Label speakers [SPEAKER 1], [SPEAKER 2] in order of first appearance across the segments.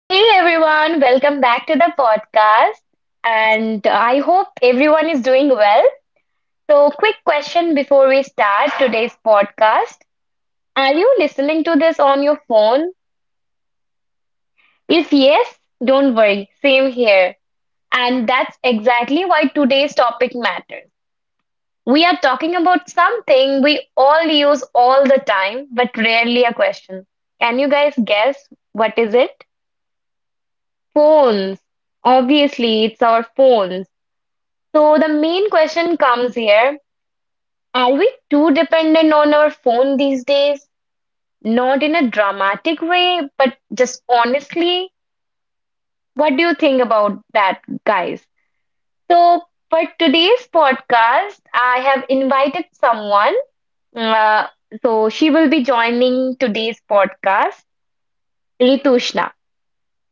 [SPEAKER 1] Hey everyone, welcome back to the podcast. And I hope everyone is doing well. So, quick question before we start today's podcast. Are you listening to this on your phone? If yes, don't worry, same here. And that's exactly why today's topic matters. We are talking about something we all use all the time, but rarely a question. Can you guys guess what is it? Phones. Obviously, it's our phones. So the main question comes here. Are we too dependent on our phone these days? Not in a dramatic way, but just honestly, what do you think about that, guys? So for today's podcast, I have invited someone. Uh, so she will be joining today's podcast, Ritushna.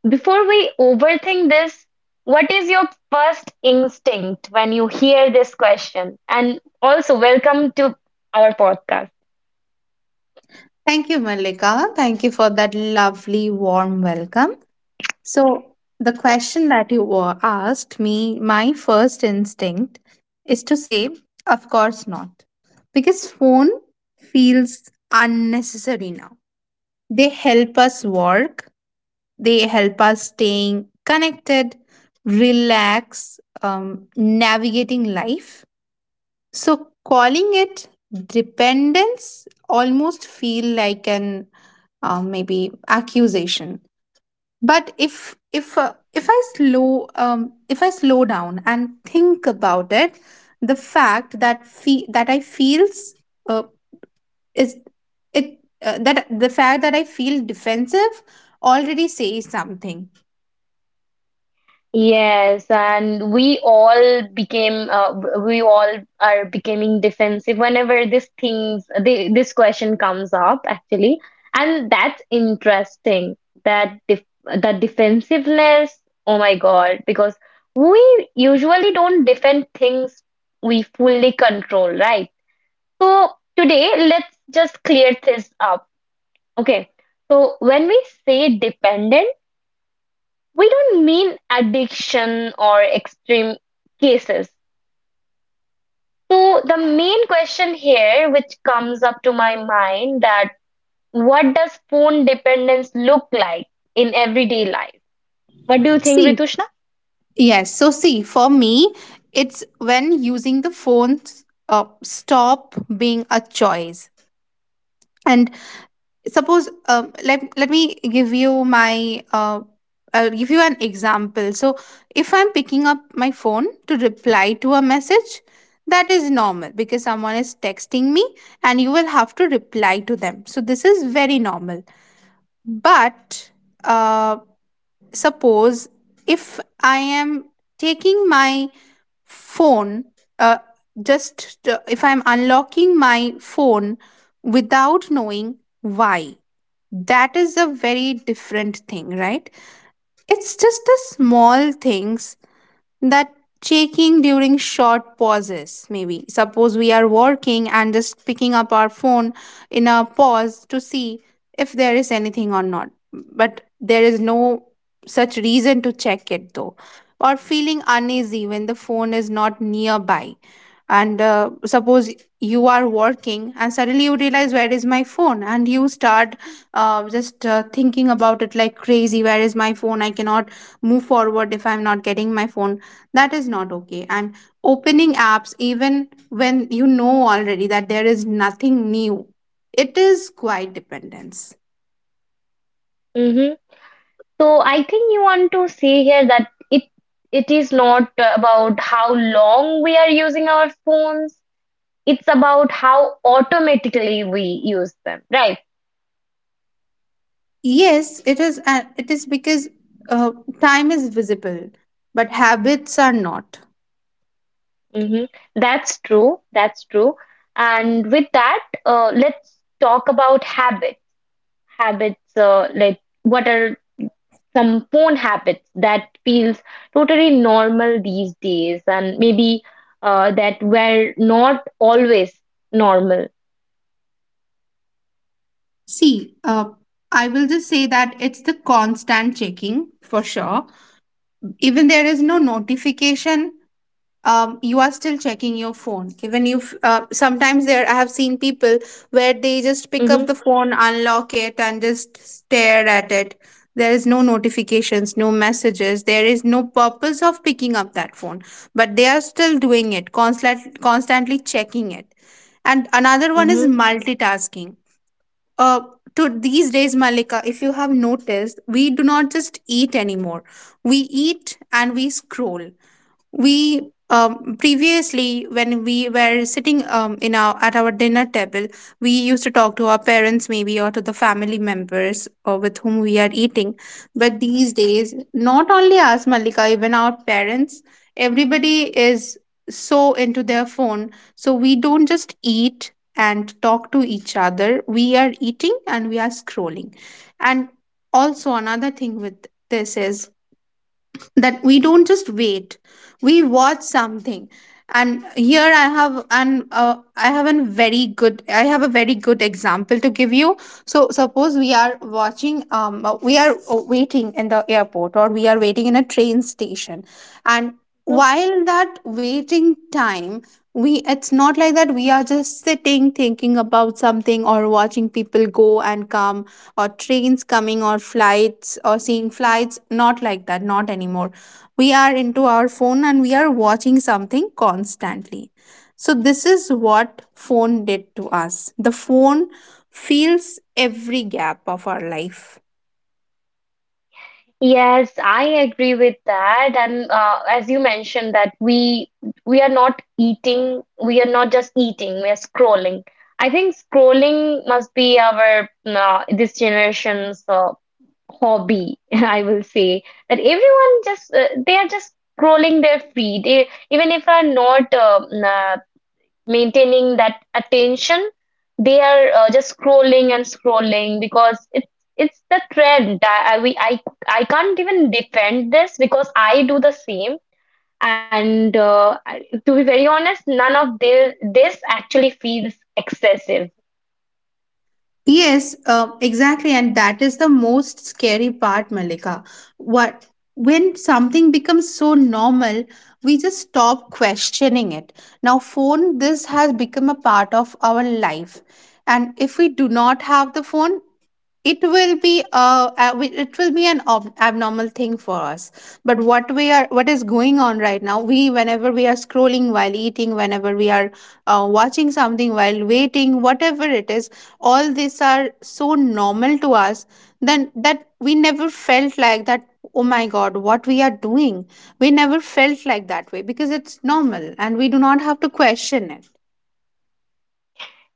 [SPEAKER 1] Before we overthink this, what is your first instinct when you hear this question? And also, welcome to our podcast.
[SPEAKER 2] Thank you, Malika. Thank you for that lovely, warm welcome. So, the question that asked me, my first instinct is to say, of course not. Because phone feels unnecessary now. They help us work, they help us staying connected, relax, navigating life. So calling it dependence almost feel like an maybe accusation. But if I slow down and think about it, the fact that I feels uh, is it that the fact that I feel defensive already says something.
[SPEAKER 1] Yes, and we all became, we all are becoming defensive whenever this question comes up actually, and that's interesting. That def that defensiveness, oh my God, because we usually don't defend things we fully control, right? So today, let's just clear this up. Okay. So when we say dependent, we don't mean addiction or extreme cases. So the main question here, which comes up to my mind, that what does phone dependence look like in everyday life? What do you think,
[SPEAKER 2] See,
[SPEAKER 1] Ritushna?
[SPEAKER 2] yes. For me, it's when using the phone stop being a choice. And suppose, let me give you my I'll give you an example. So, if I'm picking up my phone to reply to a message, that is normal because someone is texting me, and you will have to reply to them. So, this is very normal. But uh, suppose if I am taking my phone uh, just if I'm unlocking my phone without knowing why, that is a very different thing, right? It's just the small things that checking during short pauses. Maybe suppose we are working and just picking up our phone in a pause to see if there is anything or not, but there is no such reason to check it, though. Or feeling uneasy when the phone is not nearby, and suppose you are working and suddenly you realize, where is my phone, and you start just thinking about it like crazy, where is my phone, I cannot move forward if I'm not getting my phone. That is not okay. And opening apps, even when you know already that there is nothing new, it is quite dependence.
[SPEAKER 1] Mm-hmm. So I think you want to say here that it is not about how long we are using our phones. It's about how automatically we use them, right?
[SPEAKER 2] Yes, it is. It is because uh, time is visible, but habits are not.
[SPEAKER 1] Hmm. That's true. That's true. And with that, let's talk about habits. Habits, like what are some phone habits that feels totally normal these days, and maybe that were not always normal.
[SPEAKER 2] See, uh, I will just say that it's the constant checking for sure. Even there is no notification. You are still checking your phone, even if sometimes, there I have seen people where they just pick
[SPEAKER 1] Mm-hmm.
[SPEAKER 2] up the phone, unlock it, and just stare at it. There is no notifications, no messages, there is no purpose of picking up that phone, but they are still doing it, constantly checking it. And another one
[SPEAKER 1] Mm-hmm.
[SPEAKER 2] is multitasking. uh, to these days, Malika, if you have noticed, we do not just eat anymore. We eat and we scroll. We previously when we were sitting in our dinner table, we used to talk to our parents, maybe, or to the family members, or with whom we are eating. But these days, not only us, Malika, even our parents, everybody is so into their phone. So we don't just eat and talk to each other, we are eating and we are scrolling. And also another thing with this is that we don't just wait, we watch something. And here I have an I have a very good I have a very good example to give you. So suppose we are waiting in the airport, or we are waiting in a train station. And while that waiting time, we, it's not like that we are just sitting thinking about something, or watching people go and come, or trains coming, or flights, or seeing flights. Not like that, not anymore. We are into our phone and we are watching something constantly. So, this is what phone did to us. The phone fills every gap of our life.
[SPEAKER 1] Yes, I agree with that. And as you mentioned that we are not eating, we are not just eating, we are scrolling. I think scrolling must be our this generation's hobby, I will say that everyone just they are just scrolling their feed. Even if are not maintaining that attention, they are just scrolling and scrolling because it's the trend. I I can't even defend this because I do the same. And to be very honest, none of this actually feels excessive.
[SPEAKER 2] Yes, exactly. And that is the most scary part, Malika. What, when something becomes so normal, we just stop questioning it. Now, phone, this has become a part of our life. And if we do not have the phone, it will be it will be an ob- abnormal thing for us. But what we are, what is going on right now, we, whenever we are scrolling while eating, whenever we are watching something while waiting, whatever it is, all these are so normal to us then, that we never felt like that, oh my god, what we are doing. We never felt like that way because it's normal, and we do not have to question it.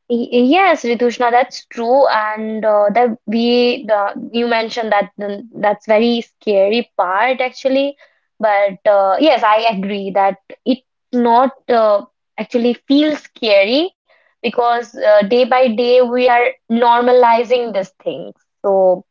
[SPEAKER 1] Yes, Ritushna, that's true, and that we the, you mentioned that that's very scary part actually, but yes, I agree that it not actually feels scary because day by day we are normalizing these things. So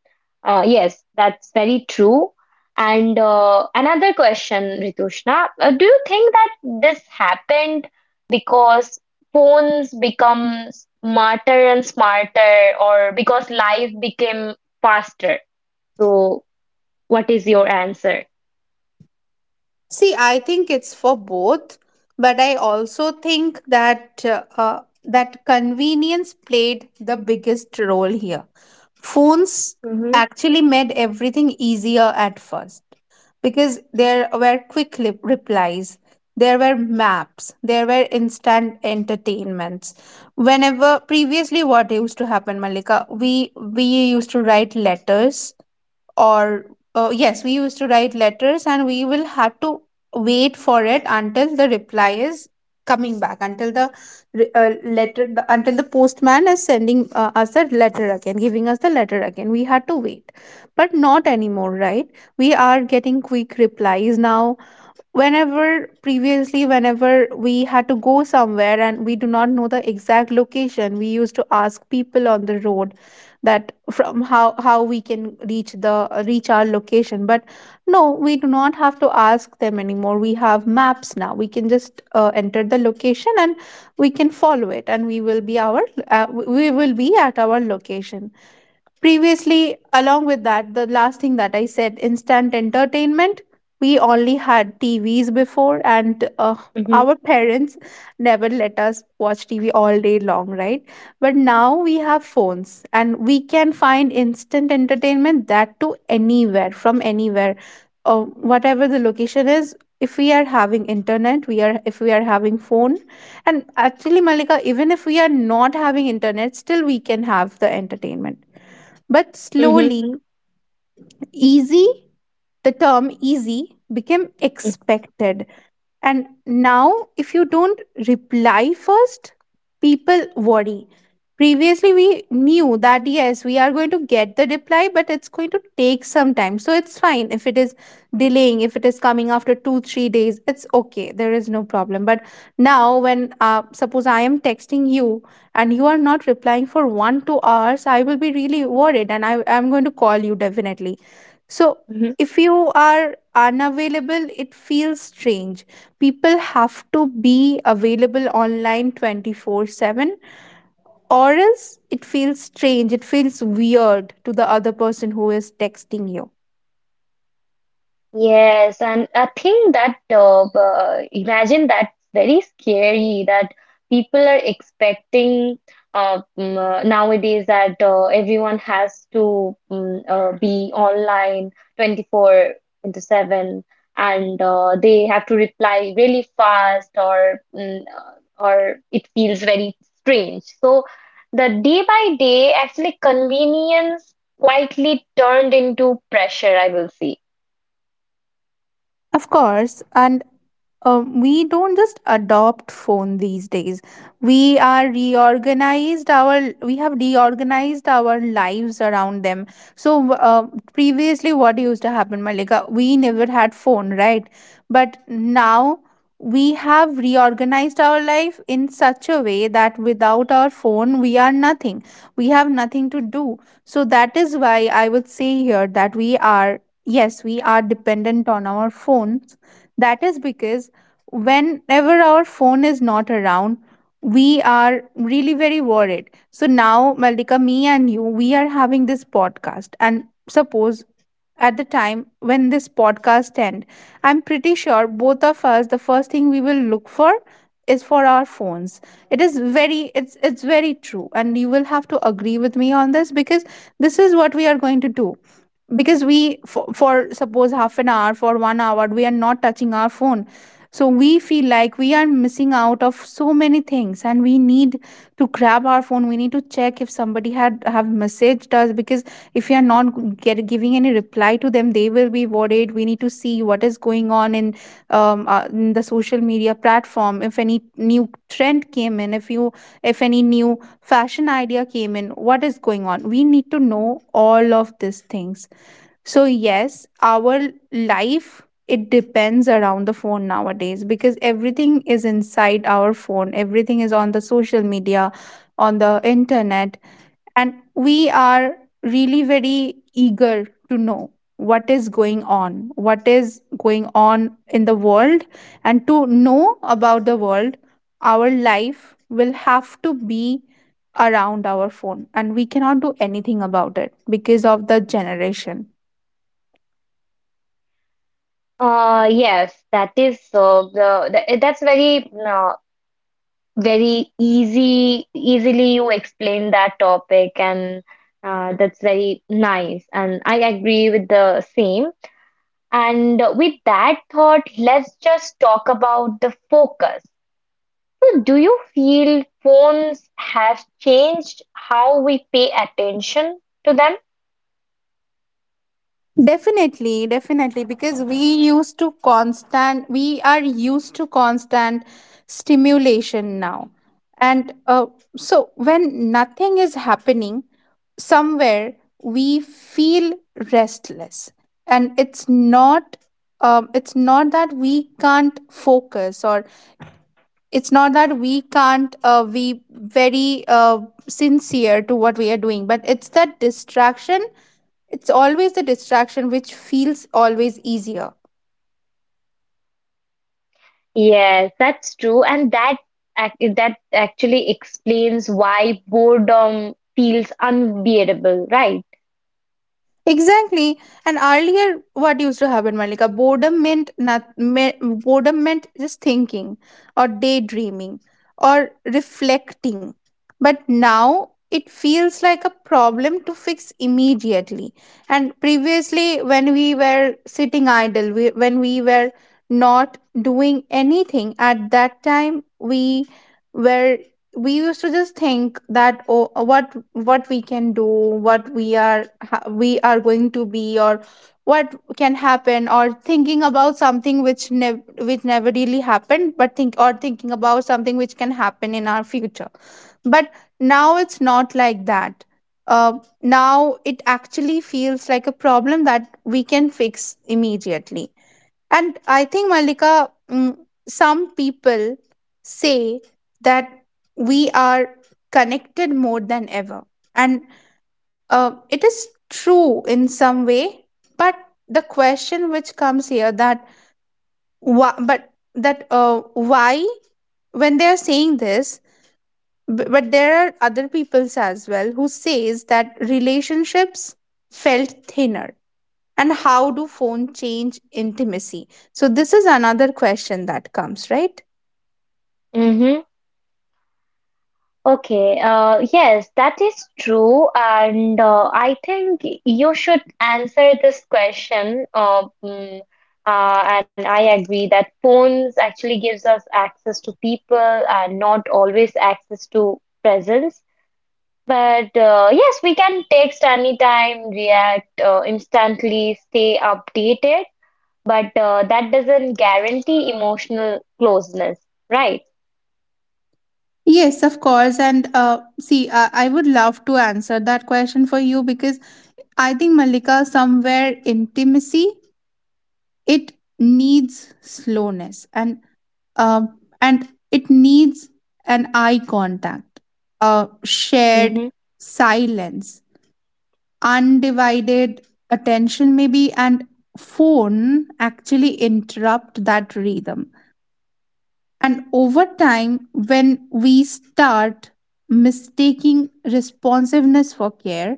[SPEAKER 1] yes, that's very true. And another question, Ritushna, do you think that this happened? Because phones become smarter and smarter, or because life became faster. So, what is your answer?
[SPEAKER 2] I think it's for both, but I also think that that convenience played the biggest role here. Phones
[SPEAKER 1] Mm-hmm.
[SPEAKER 2] actually made everything easier at first, because there were quick replies, there were maps, there were instant entertainments. Whenever previously, what used to happen, Malika, we used to write letters, or yes, we used to write letters, and we will have to wait for it until the reply is coming back, until the until the postman is sending us the letter again, giving us the letter again. We had to wait. But not anymore, right? We are getting quick replies now. Whenever previously, whenever we had to go somewhere and we do not know the exact location, we used to ask people on the road that from, how we can reach the, reach our location. But no, we do not have to ask them anymore. We have maps now. We can just enter the location, and we can follow it, and we will be our we will be at our location. Previously, along with that, the last thing that I said, instant entertainment, we only had TVs before, and
[SPEAKER 1] Mm-hmm.
[SPEAKER 2] our parents never let us watch TV all day long, right? But now we have phones, and we can find instant entertainment, that to anywhere, from anywhere, whatever the location is. If we are having internet, we are, if we are having phone, and actually, Malika, even if we are not having internet, still we can have the entertainment. But slowly, easy, the term easy became expected, and now, if you don't reply first, people worry. Previously, we knew that yes, we are going to get the reply, but it's going to take some time. So it's fine if it is delaying, if it is coming after two, 3 days, it's okay. There is no problem. But now, when suppose I am texting you, and you are not replying for one, 2 hours, I will be really worried, and I am going to call you definitely. So
[SPEAKER 1] Mm-hmm.
[SPEAKER 2] if you are unavailable, it feels strange. People have to be available online 24/7, or else it feels strange, it feels weird to the other person who is texting you.
[SPEAKER 1] Yes, and I think that imagine that's very scary that people are expecting nowadays that everyone has to be online 24/7, and they have to reply really fast or or it feels very strange. So the day by day actually convenience quietly turned into pressure, I will say.
[SPEAKER 2] Of course, and we don't just adopt phone these days. We have reorganized our lives around them. So previously, what used to happen, Malika? We never had phone, right? But now we have reorganized our life in such a way that without our phone, we are nothing, we have nothing to do. So that is why I would say here that we are, yes, we are dependent on our phones. That is because whenever our phone is not around, we are really very worried. So now, Maldika, me and you, we are having this podcast, and suppose at the time when this podcast end, I'm pretty sure both of us, the first thing we will look for is for our phones. It is very, it's very true, and you will have to agree with me on this, because this is what we are going to do. Because we, for suppose, half an hour, for 1 hour we are not touching our phone, so we feel like we are missing out of so many things, and we need to grab our phone. We need to check if somebody had have messaged us, because if you are not giving any reply to them, they will be worried. We need to see what is going on in the social media platform, if any new trend came in, if you, if any new fashion idea came in, what is going on. We need to know all of these things. So yes, our life, it depends around the phone nowadays, because everything is inside our phone, everything is on the social media, on the internet. And we are really very eager to know what is going on, what is going on in the world. And to know about the world, our life will have to be around our phone, and we cannot do anything about it because of the generation.
[SPEAKER 1] Yes, that is so. The that's very very easy. Easily you explain that topic, and that's very nice. And I agree with the same. And with that thought, let's just talk about the focus. So do you feel phones have changed how we pay attention to them?
[SPEAKER 2] Definitely, definitely, because we are used to constant stimulation now. And so when nothing is happening, somewhere we feel restless. And it's not that we can't focus, or it's not that we can't be very sincere to what we are doing, but it's that distraction, it's always the distraction which feels always easier.
[SPEAKER 1] Yes, that's true, and that that actually explains why boredom feels unbearable, right?
[SPEAKER 2] Exactly. And earlier, what used to happen, Malika? Boredom meant not, me, boredom meant just thinking, or daydreaming, or reflecting. But now it feels like a problem to fix immediately. And previously, when we were sitting idle, when we were not doing anything at that time, were we used to just think that what we can do what we are ha- we are going to be, or what can happen, or thinking about something which never really happened, but thinking about something which can happen in our future. But now it's not like that. uh, Now it actually feels like a problem that we can fix immediately. And I think, Malika, some people say that we are connected more than ever. And it is true in some way. But the question which comes here that, why, but that why, when they are saying this, but there are other peoples as well who says that relationships felt thinner, and how do phone change intimacy? So this is another question that comes, right?
[SPEAKER 1] Mm-hmm. Okay. Yes, that is true, and I think you should answer this question. And I agree that phones actually gives us access to people and not always access to presence. But yes, we can text anytime, react instantly, stay updated, but that doesn't guarantee emotional closeness, right?
[SPEAKER 2] Yes, of course. And see, I would love to answer that question for you, because I think, Malika, somewhere intimacy, it needs slowness and it needs an eye contact,
[SPEAKER 1] Mm-hmm.
[SPEAKER 2] shared silence, undivided attention maybe, and phone actually interrupt that rhythm. And over time, when we start mistaking responsiveness for care,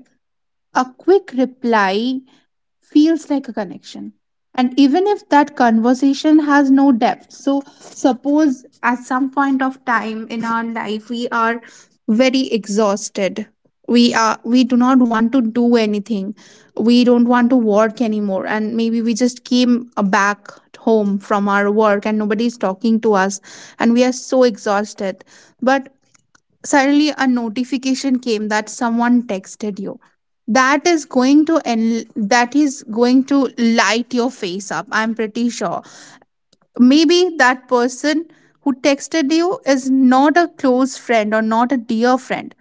[SPEAKER 2] a quick reply feels like a connection. And even if that conversation has no depth, so suppose at some point of time in our life we are very exhausted. We do not want to do anything. We don't want to work anymore. And maybe we just came back home from our work and nobody is talking to us and we are so exhausted. But suddenly a notification came that someone texted you. that is going to and that is going to light your face up, I'm pretty sure. Maybe that person who texted you is not a close friend or not a dear friend,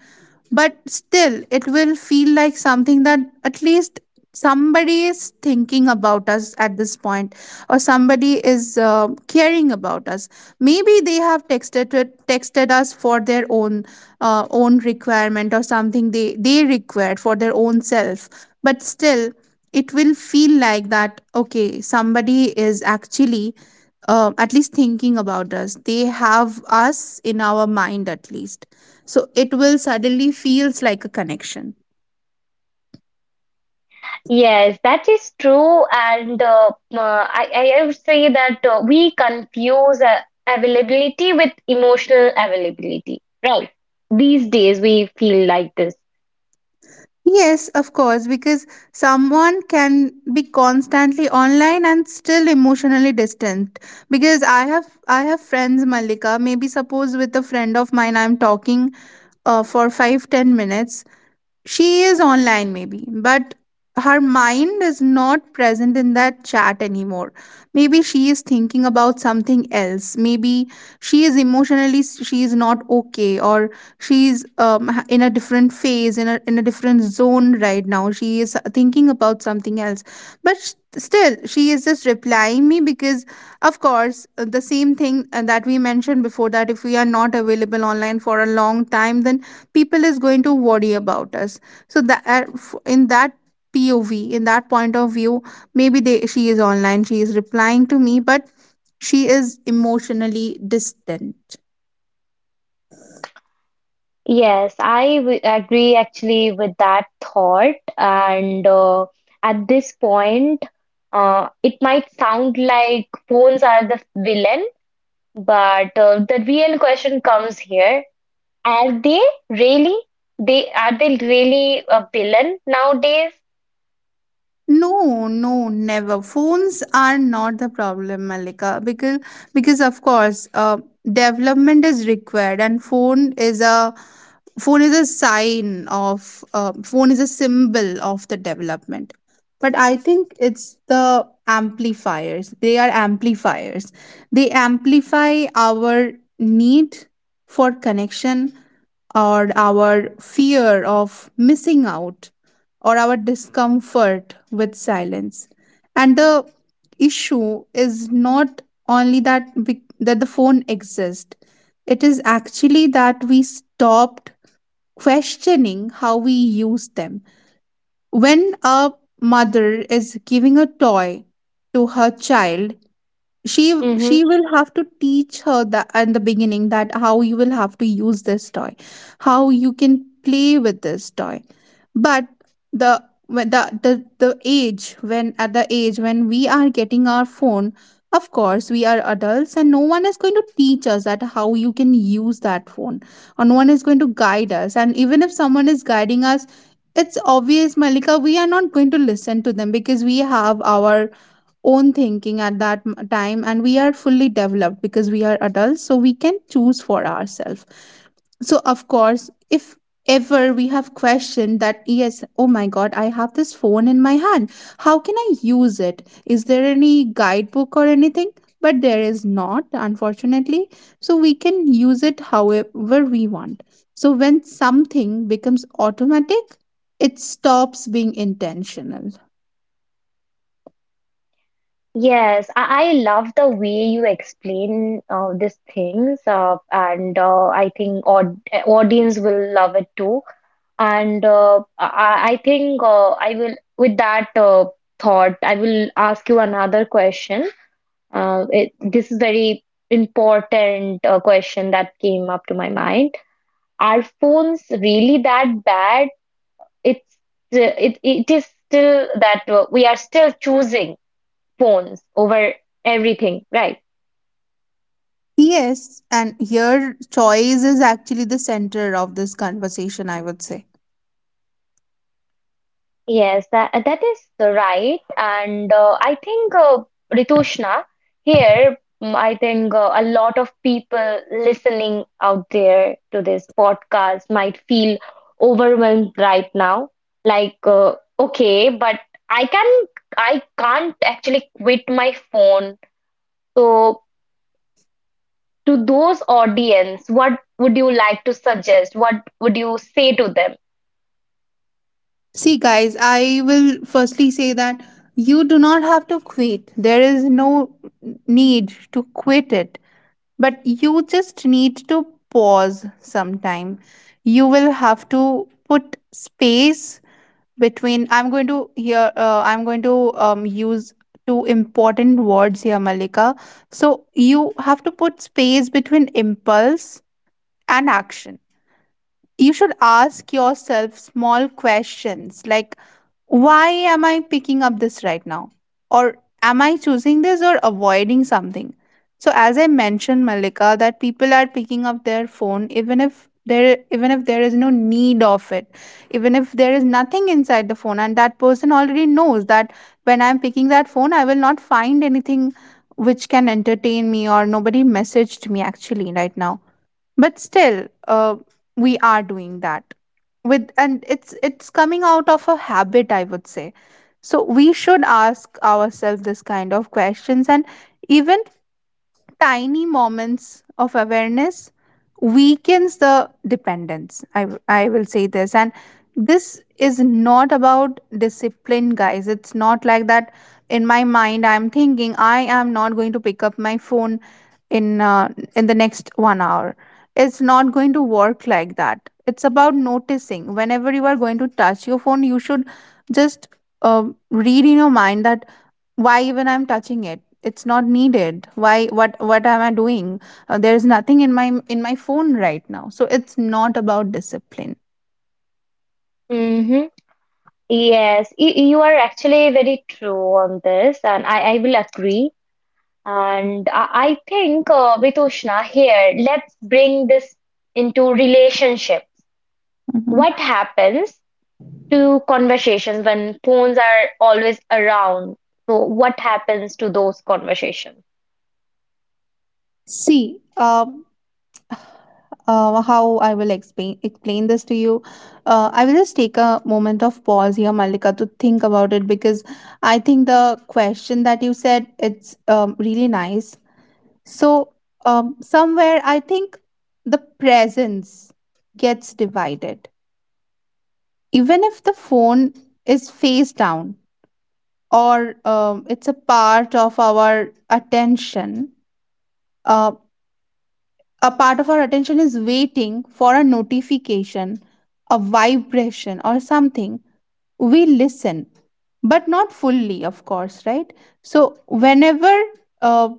[SPEAKER 2] but still it will feel like something, that at least somebody is thinking about us at this point, or somebody is caring about us. Maybe they have texted us for their own own requirement, or something they required for their own self, but still it will feel like that, okay, somebody is actually at least thinking about us, they have us in our mind at least. So it will suddenly feels like a connection.
[SPEAKER 1] Yes, that is true. And I would say that we confuse availability with emotional availability, right? These days, we feel like this.
[SPEAKER 2] Yes, of course, because someone can be constantly online and still emotionally distant. Because I have friends, Malika. Maybe suppose with a friend of mine, I'm talking for 5-10 minutes. She is online, maybe, but her mind is not present in that chat anymore. Maybe she is thinking about something else. Maybe she is emotionally she is not okay, or she's in a different phase, in a different zone right now. She is thinking about something else, but still she is just replying me, because of course the same thing that we mentioned before, that if we are not available online for a long time, then people is going to worry about us. So that in that pov, in that point of view, maybe they she is online, she is replying to me, but she is emotionally distant.
[SPEAKER 1] Yes, I w agree actually with that thought. And at this point, it might sound like phones are the villain, but the real question comes here. Are they really? They really a villain nowadays?
[SPEAKER 2] No, no, never. Phones are not the problem, Malika, because of course, development is required, and phone is a sign of phone is a symbol of the development. But I think it's the amplifiers. They are amplifiers. They amplify our need for connection, or our fear of missing out, or our discomfort with silence. And the issue is not only that that the phone exists; it is actually that we stopped questioning how we use them. When a mother is giving a toy to her child,
[SPEAKER 1] Mm-hmm.
[SPEAKER 2] she will have to teach her that in the beginning, that how you will have to use this toy, how you can play with this toy. But the age when, at the age when we are getting our phone, of course we are adults, and no one is going to teach us that how you can use that phone, or no one is going to guide us. And even if someone is guiding us, it's obvious, Malika, we are not going to listen to them, because we have our own thinking at that time, and we are fully developed because we are adults, so we can choose for ourselves. So of course, if ever we have questioned that, yes, oh my god, I have this phone in my hand, how can I use it, is there any guidebook or anything, but there is not, unfortunately. So we can use it however we want. So when something becomes automatic, it stops being intentional.
[SPEAKER 1] Yes, I love the way you explain these things, and I think audience will love it too. And I think I will, with that thought, I will ask you another question. This is very important question that came up to my mind. Are phones really that bad? It's it is still that we are still choosing phones over everything, right?
[SPEAKER 2] Yes, and here choice is actually the center of this conversation, I would say.
[SPEAKER 1] Yes, that is right, and I think Ritushna here. I think a lot of people listening out there to this podcast might feel overwhelmed right now. Like, okay, but I can I can't actually quit my phone. So, to those audience, what would you like to suggest? What would you say to
[SPEAKER 2] See, guys, I will firstly say that you do not have to quit. There is no need to quit it. But you just need to pause sometime. You will have to put space between, I'm going to here, I'm going to use two important words here, Malika. So you have to put space between impulse and action. You should ask yourself small questions like, why am I picking up this right now? Or am I choosing this or avoiding something? So as I mentioned, Malika, that people are picking up their phone even if there is no need of it, even if there is nothing inside the phone, and that person already knows that when I'm picking that phone, I will not find anything which can entertain me, or nobody messaged me actually right now, but still we are doing that with and It's coming out of a habit, I would say. So we should ask ourselves this kind of questions. And even tiny moments of awareness weakens the dependence, I will say this. And this is not about discipline, guys, it's not like that in my mind I'm thinking I am not going to pick up my phone in uh, in the next 1 hour. It's not going to work like that. It's about noticing whenever you are going to touch your phone, you should just uh, read in your mind that why even I'm touching it, it's not needed, why what am I doing? There is nothing in my phone right now, so it's not about discipline.
[SPEAKER 1] them? Yes, you are actually very true on this, and I will agree. And I think, Vitushna, here, let's bring this into relationships.
[SPEAKER 2] Mhm.
[SPEAKER 1] What happens to conversations when phones are always around? So, what happens to those conversations?
[SPEAKER 2] See, how I will explain this to you. I will just take a moment of pause here, Malika, to think about it, because I think the question that you said, it's really nice. So somewhere I think the presence gets divided, even if the phone is face down, or it's a part of our attention. Uh, a part of our attention is waiting for a notification, a vibration, or something. We listen, but not fully, of course, right? So, uh,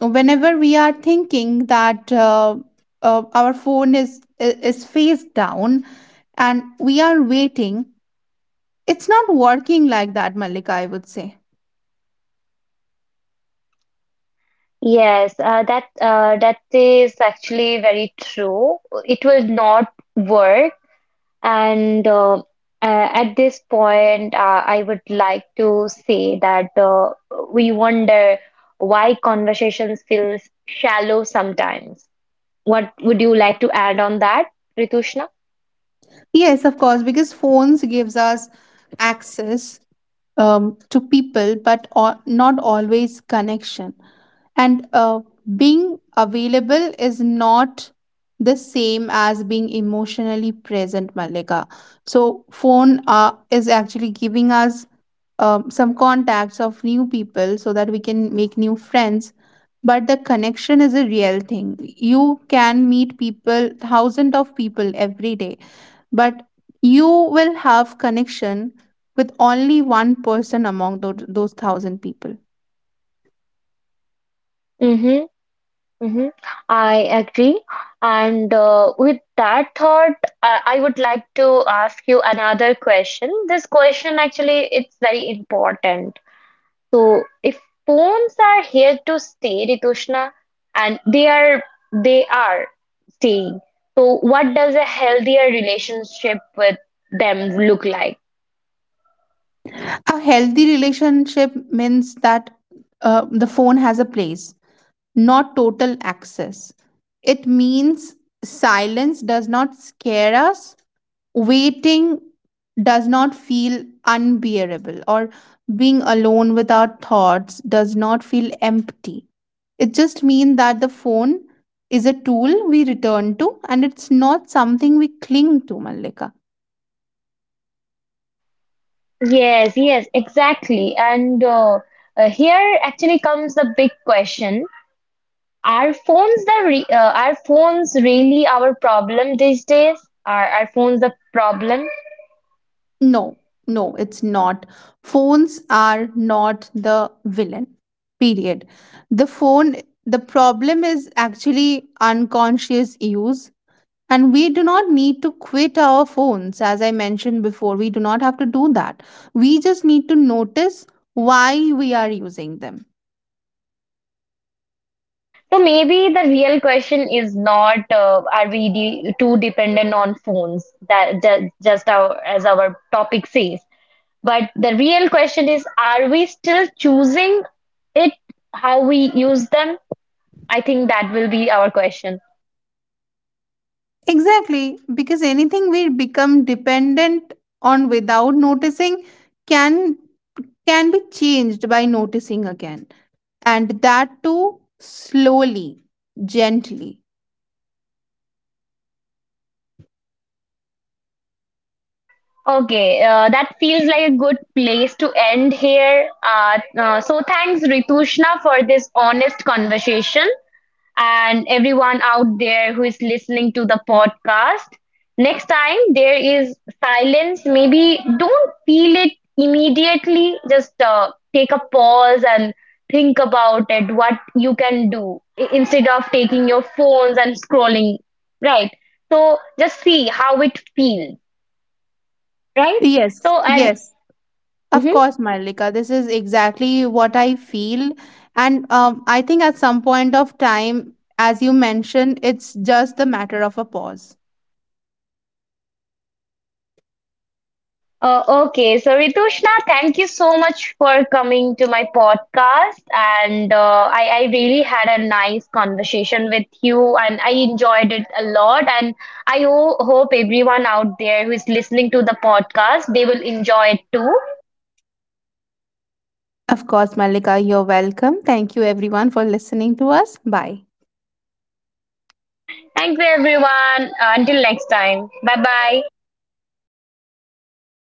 [SPEAKER 2] whenever we are thinking that our phone is face down and we are waiting, it's not working like that, Malika, I would say.
[SPEAKER 1] Yes, that is actually very true. It will not work. And at this point, I would like to say that we wonder why conversations feel shallow sometimes. What would you like to add on that, Ritushna?
[SPEAKER 2] Yes, of course, because phones gives us access to people, but not always connection. And being available is not the same as being emotionally present, Malika. So, phone is actually giving us some contacts of new people, so that we can make new friends. But the connection is a real thing. You can meet people, thousands of people every day, but you will have connection with only one person among those thousand people.
[SPEAKER 1] Mm-hmm, mm-hmm. I agree. And with that thought, I would like to ask you another question. This question actually, it's very important. So if poems are here to stay, Ritushna, and they are staying. So what does a healthier relationship with them look like?
[SPEAKER 2] A healthy relationship means that the phone has a place, not total access. It means silence does not scare us, waiting does not feel unbearable, or being alone with our thoughts does not feel empty. It just means that the phone is a tool we return to, and it's not something we cling to, Mallika.
[SPEAKER 1] Yes, yes, exactly. And here actually comes the big question. Are phones the re are phones really our problem these days? Are phones the problem?
[SPEAKER 2] No, no, it's not. Phones are not the villain, period. The phone, the problem is actually unconscious use. And we do not need to quit our phones, as I mentioned before. We do not have to do that. We just need to notice why we are using them.
[SPEAKER 1] So maybe the real question is not are we de too dependent on phones that just our, as our topic says, but the real question is are we still choosing it how we use them? I think that will be our question.
[SPEAKER 2] Exactly, because anything we become dependent on without noticing can be changed by noticing again, and that too, slowly, gently.
[SPEAKER 1] Okay, that feels like a good place to end here. So thanks Ritushna for this honest conversation. And everyone out there who is listening to the podcast. Next time there is silence, maybe don't feel it immediately. Just take a pause and think about it, what you can do instead of taking your phones and scrolling, right? So just see how it feels, right?
[SPEAKER 2] Yes,
[SPEAKER 1] So, and
[SPEAKER 2] yes, of
[SPEAKER 1] mhm.
[SPEAKER 2] course, Marlika. This is exactly what I feel. And I think at some point of time, as you mentioned, it's just the matter of a pause.
[SPEAKER 1] Okay, so Ritushna, thank you so much for coming to my podcast, and I really had a nice conversation with you, and I enjoyed it a lot. And I hope everyone out there who is listening to the podcast they will enjoy it too.
[SPEAKER 2] Of course, Malika, you're welcome. Thank you everyone for listening to us. Bye.
[SPEAKER 1] Thank you, everyone. Until next time, bye bye.